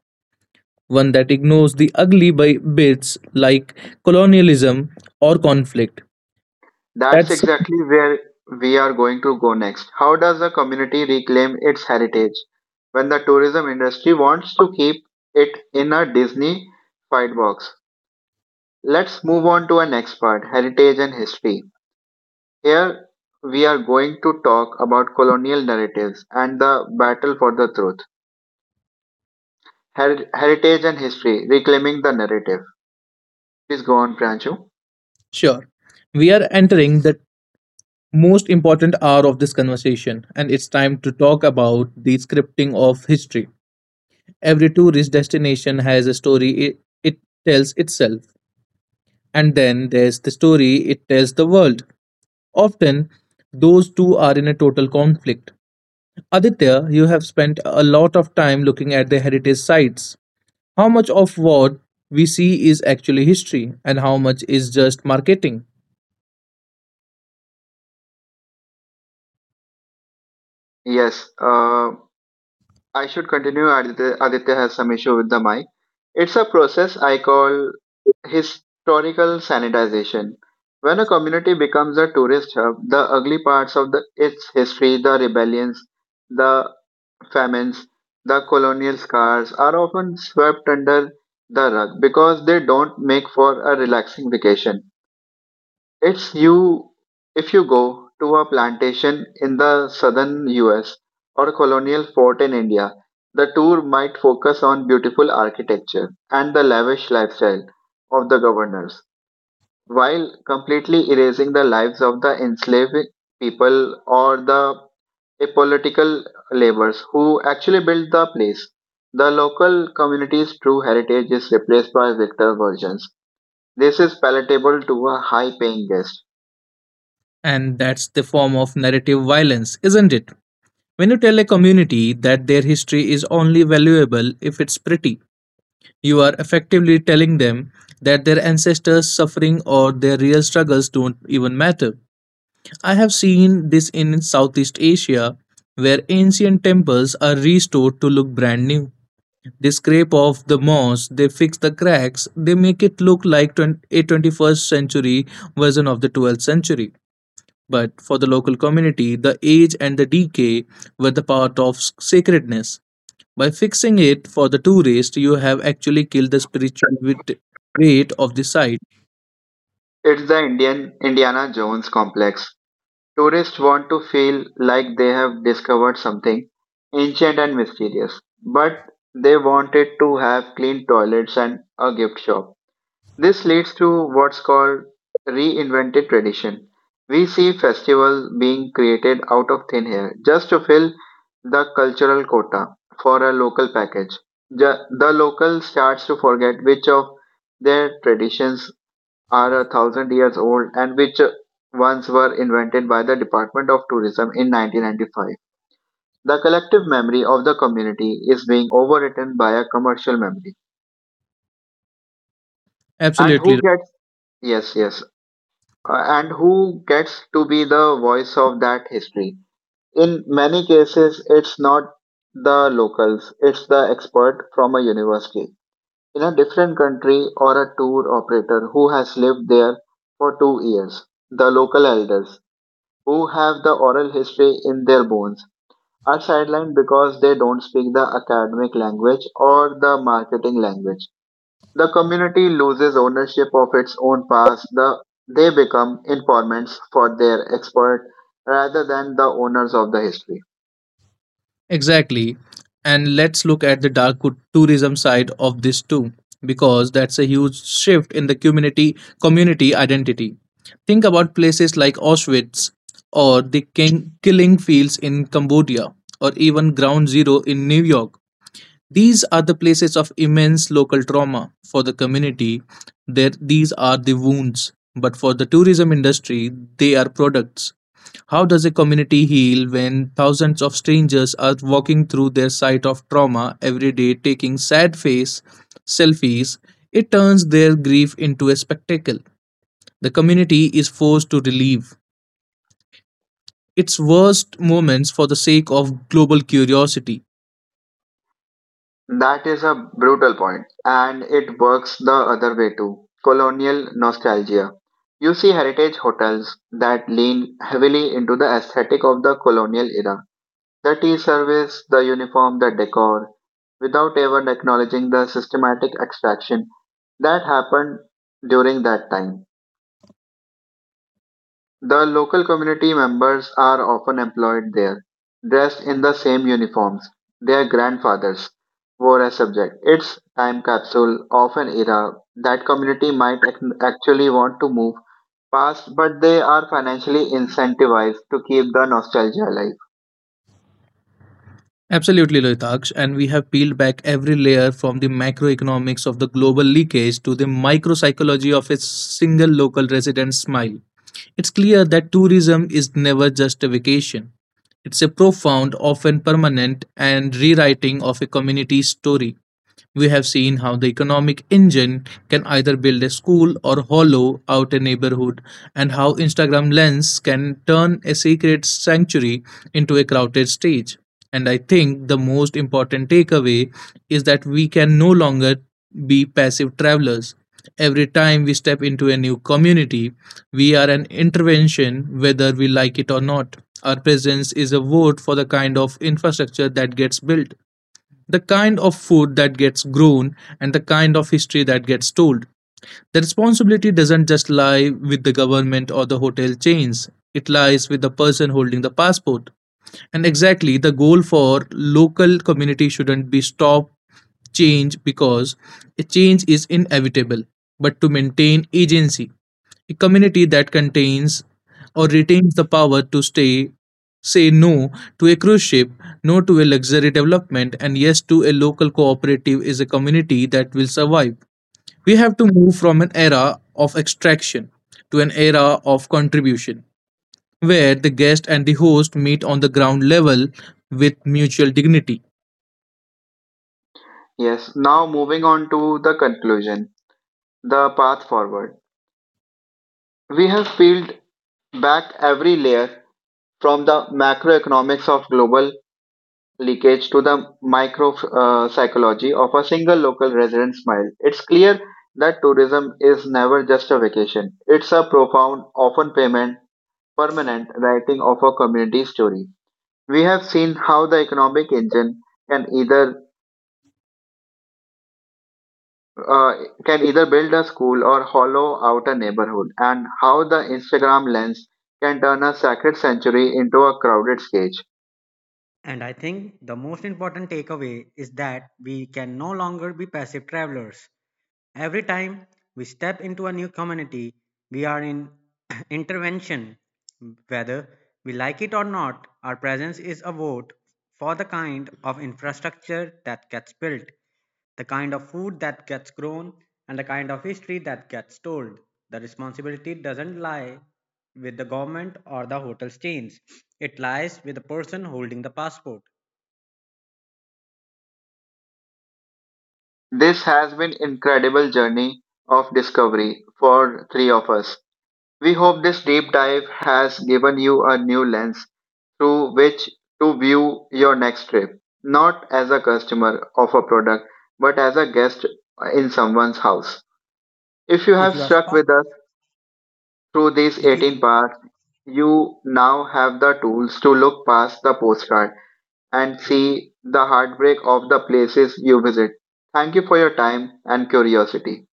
B: one that ignores the ugly bits like colonialism or conflict.
A: That's
B: That's
A: exactly where we are going to go next. How does the community reclaim its heritage when the tourism industry wants to keep it in a Disney fight box? Let's move on to our next part, heritage and history. Here we are going to talk about colonial narratives and the battle for the truth. Heritage and history, reclaiming the narrative. Please go on, Pranchu.
B: sure. We are entering the most important hour of this conversation, and it's time to talk about the scripting of history. Every tourist destination has a story it tells itself, and then there's the story it tells the world. Often, those two are in a total conflict. Aditya, you have spent a lot of time looking at the heritage sites. How much of what we see is actually history, and how much is just marketing?
A: Yes, I should continue. Aditya, Aditya has some issue with the mic. It's a process I call historical sanitization. When a community becomes a tourist hub, the ugly parts of its history, the rebellions, the famines, the colonial scars, are often swept under the rug because they don't make for a relaxing vacation. It's you if you go to a plantation in the southern US or a colonial fort in India, the tour might focus on beautiful architecture and the lavish lifestyle of the governors, while completely erasing the lives of the enslaved people or the apolitical laborers who actually built the place. The local community's true heritage is replaced by victor versions. This is palatable to a high paying guest.
B: And that's the form of narrative violence, isn't it? When you tell a community that their history is only valuable if it's pretty, you are effectively telling them that their ancestors' suffering or their real struggles don't even matter. I have seen this in Southeast Asia, where ancient temples are restored to look brand new. They scrape off the moss, they fix the cracks, they make it look like a 21st century version of the 12th century. But for the local community, the age and the decay were the part of sacredness. By fixing it for the tourist, you have actually killed the spiritual weight of the site.
A: It's the Indian Indiana Jones complex. Tourists want to feel like they have discovered something ancient and mysterious, but they wanted to have clean toilets and a gift shop. This leads to what's called reinvented tradition. We see festivals being created out of thin air just to fill the cultural quota for a local package. Ju- The local starts to forget which of their traditions are a thousand years old and which once were invented by the Department of Tourism in 1995. The collective memory of the community is being overwritten by a commercial memory. And
B: Absolutely.
A: who
B: Right.
A: gets, yes, yes, and who gets to be the voice of that history? In many cases, it's not the locals, it's the expert from a university in a different country or a tour operator who has lived there for 2 years. The local elders who have the oral history in their bones are sidelined because they don't speak the academic language or the marketing language. The community loses ownership of its own past. They become informants for their expert rather than the owners of the history.
B: Exactly. And let's look at the dark tourism side of this too, because that's a huge shift in the community identity. Think about places like Auschwitz or the killing fields in Cambodia or even Ground Zero in New York. These are the places of immense local trauma. For the community, there, these are the wounds. But for the tourism industry, they are products. How does a community heal when thousands of strangers are walking through their site of trauma every day, taking sad face selfies? It turns their grief into a spectacle. The community is forced to relieve its worst moments for the sake of global curiosity.
A: That is a brutal point, and it works the other way too. Colonial nostalgia. You see heritage hotels that lean heavily into the aesthetic of the colonial era. The tea service, the uniform, the decor, without even acknowledging the systematic extraction that happened during that time. The local community members are often employed there, dressed in the same uniforms their grandfathers wore as subject. It's time capsule of an era that community might actually want to move past, but they are financially incentivized to keep the nostalgia alive.
B: Absolutely, Loitaksh, and we have peeled back every layer from the macroeconomics of the global leakage to the micropsychology of a single local resident's smile. It's clear that tourism is never just a vacation. It's a profound, often permanent, and rewriting of a community's story. We have seen how the economic engine can either build a school or hollow out a neighborhood, and how Instagram Lens can turn a sacred sanctuary into a crowded stage. And I think the most important takeaway is that we can no longer be passive travelers. Every time we step into a new community, we are an intervention whether we like it or not. Our presence is a vote for the kind of infrastructure that gets built the kind of food that gets grown and the kind of history that gets told. The responsibility doesn't just lie with the government or the hotel chains, it lies with the person holding the passport. And exactly the goal for local community shouldn't be stop change because a change is inevitable, but to maintain agency. A community that contains or retains the power to stay say no to a cruise ship, no to a luxury development, and yes to a local cooperative is a community that will survive. We have to move from an era of extraction to an era of contribution, where the guest and the host meet on the ground level with mutual dignity.
A: Yes, now moving on to the conclusion. The path forward. We have peeled back every layer from the macroeconomics of global leakage to the micro psychology of a single local resident smile. It's clear that tourism is never just a vacation. It's a profound, often permanent writing of a community story. We have seen how the economic engine can either uh, can either build a school or hollow out a neighborhood, and how the Instagram lens can turn a sacred sanctuary into a crowded stage.
C: And I think the most important takeaway is that we can no longer be passive travelers. Every time we step into a new community, we are in intervention. Whether we like it or not, our presence is a vote for the kind of infrastructure that gets built, the kind of food that gets grown, and the kind of history that gets told. The responsibility doesn't lie with the government or the hotel chains. It lies with the person holding the passport.
A: This has been incredible journey of discovery for three of us. We hope this deep dive has given you a new lens through which to view your next trip, not as a customer of a product, but as a guest in someone's house. If you have stuck with us through these
C: If you
A: 18 parts, you now have the tools to look past the postcard and see the heartbreak of the places you visit. Thank you for your time and curiosity.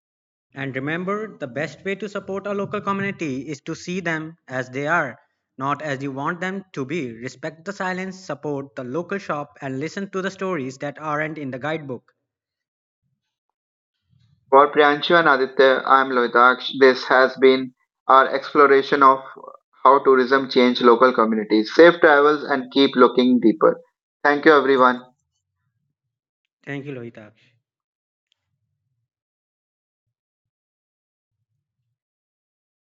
C: and remember, the best way to support a local community is to see them as they are, not as you want them to be. Respect the silence, support the local shop, and listen to the stories that aren't in the guidebook.
A: For Priyanshu and Aditya, I'm Lohitaksh. This has been our exploration of how tourism changed local communities. Safe travels and keep looking deeper. Thank you, everyone.
C: Thank you, Lohita.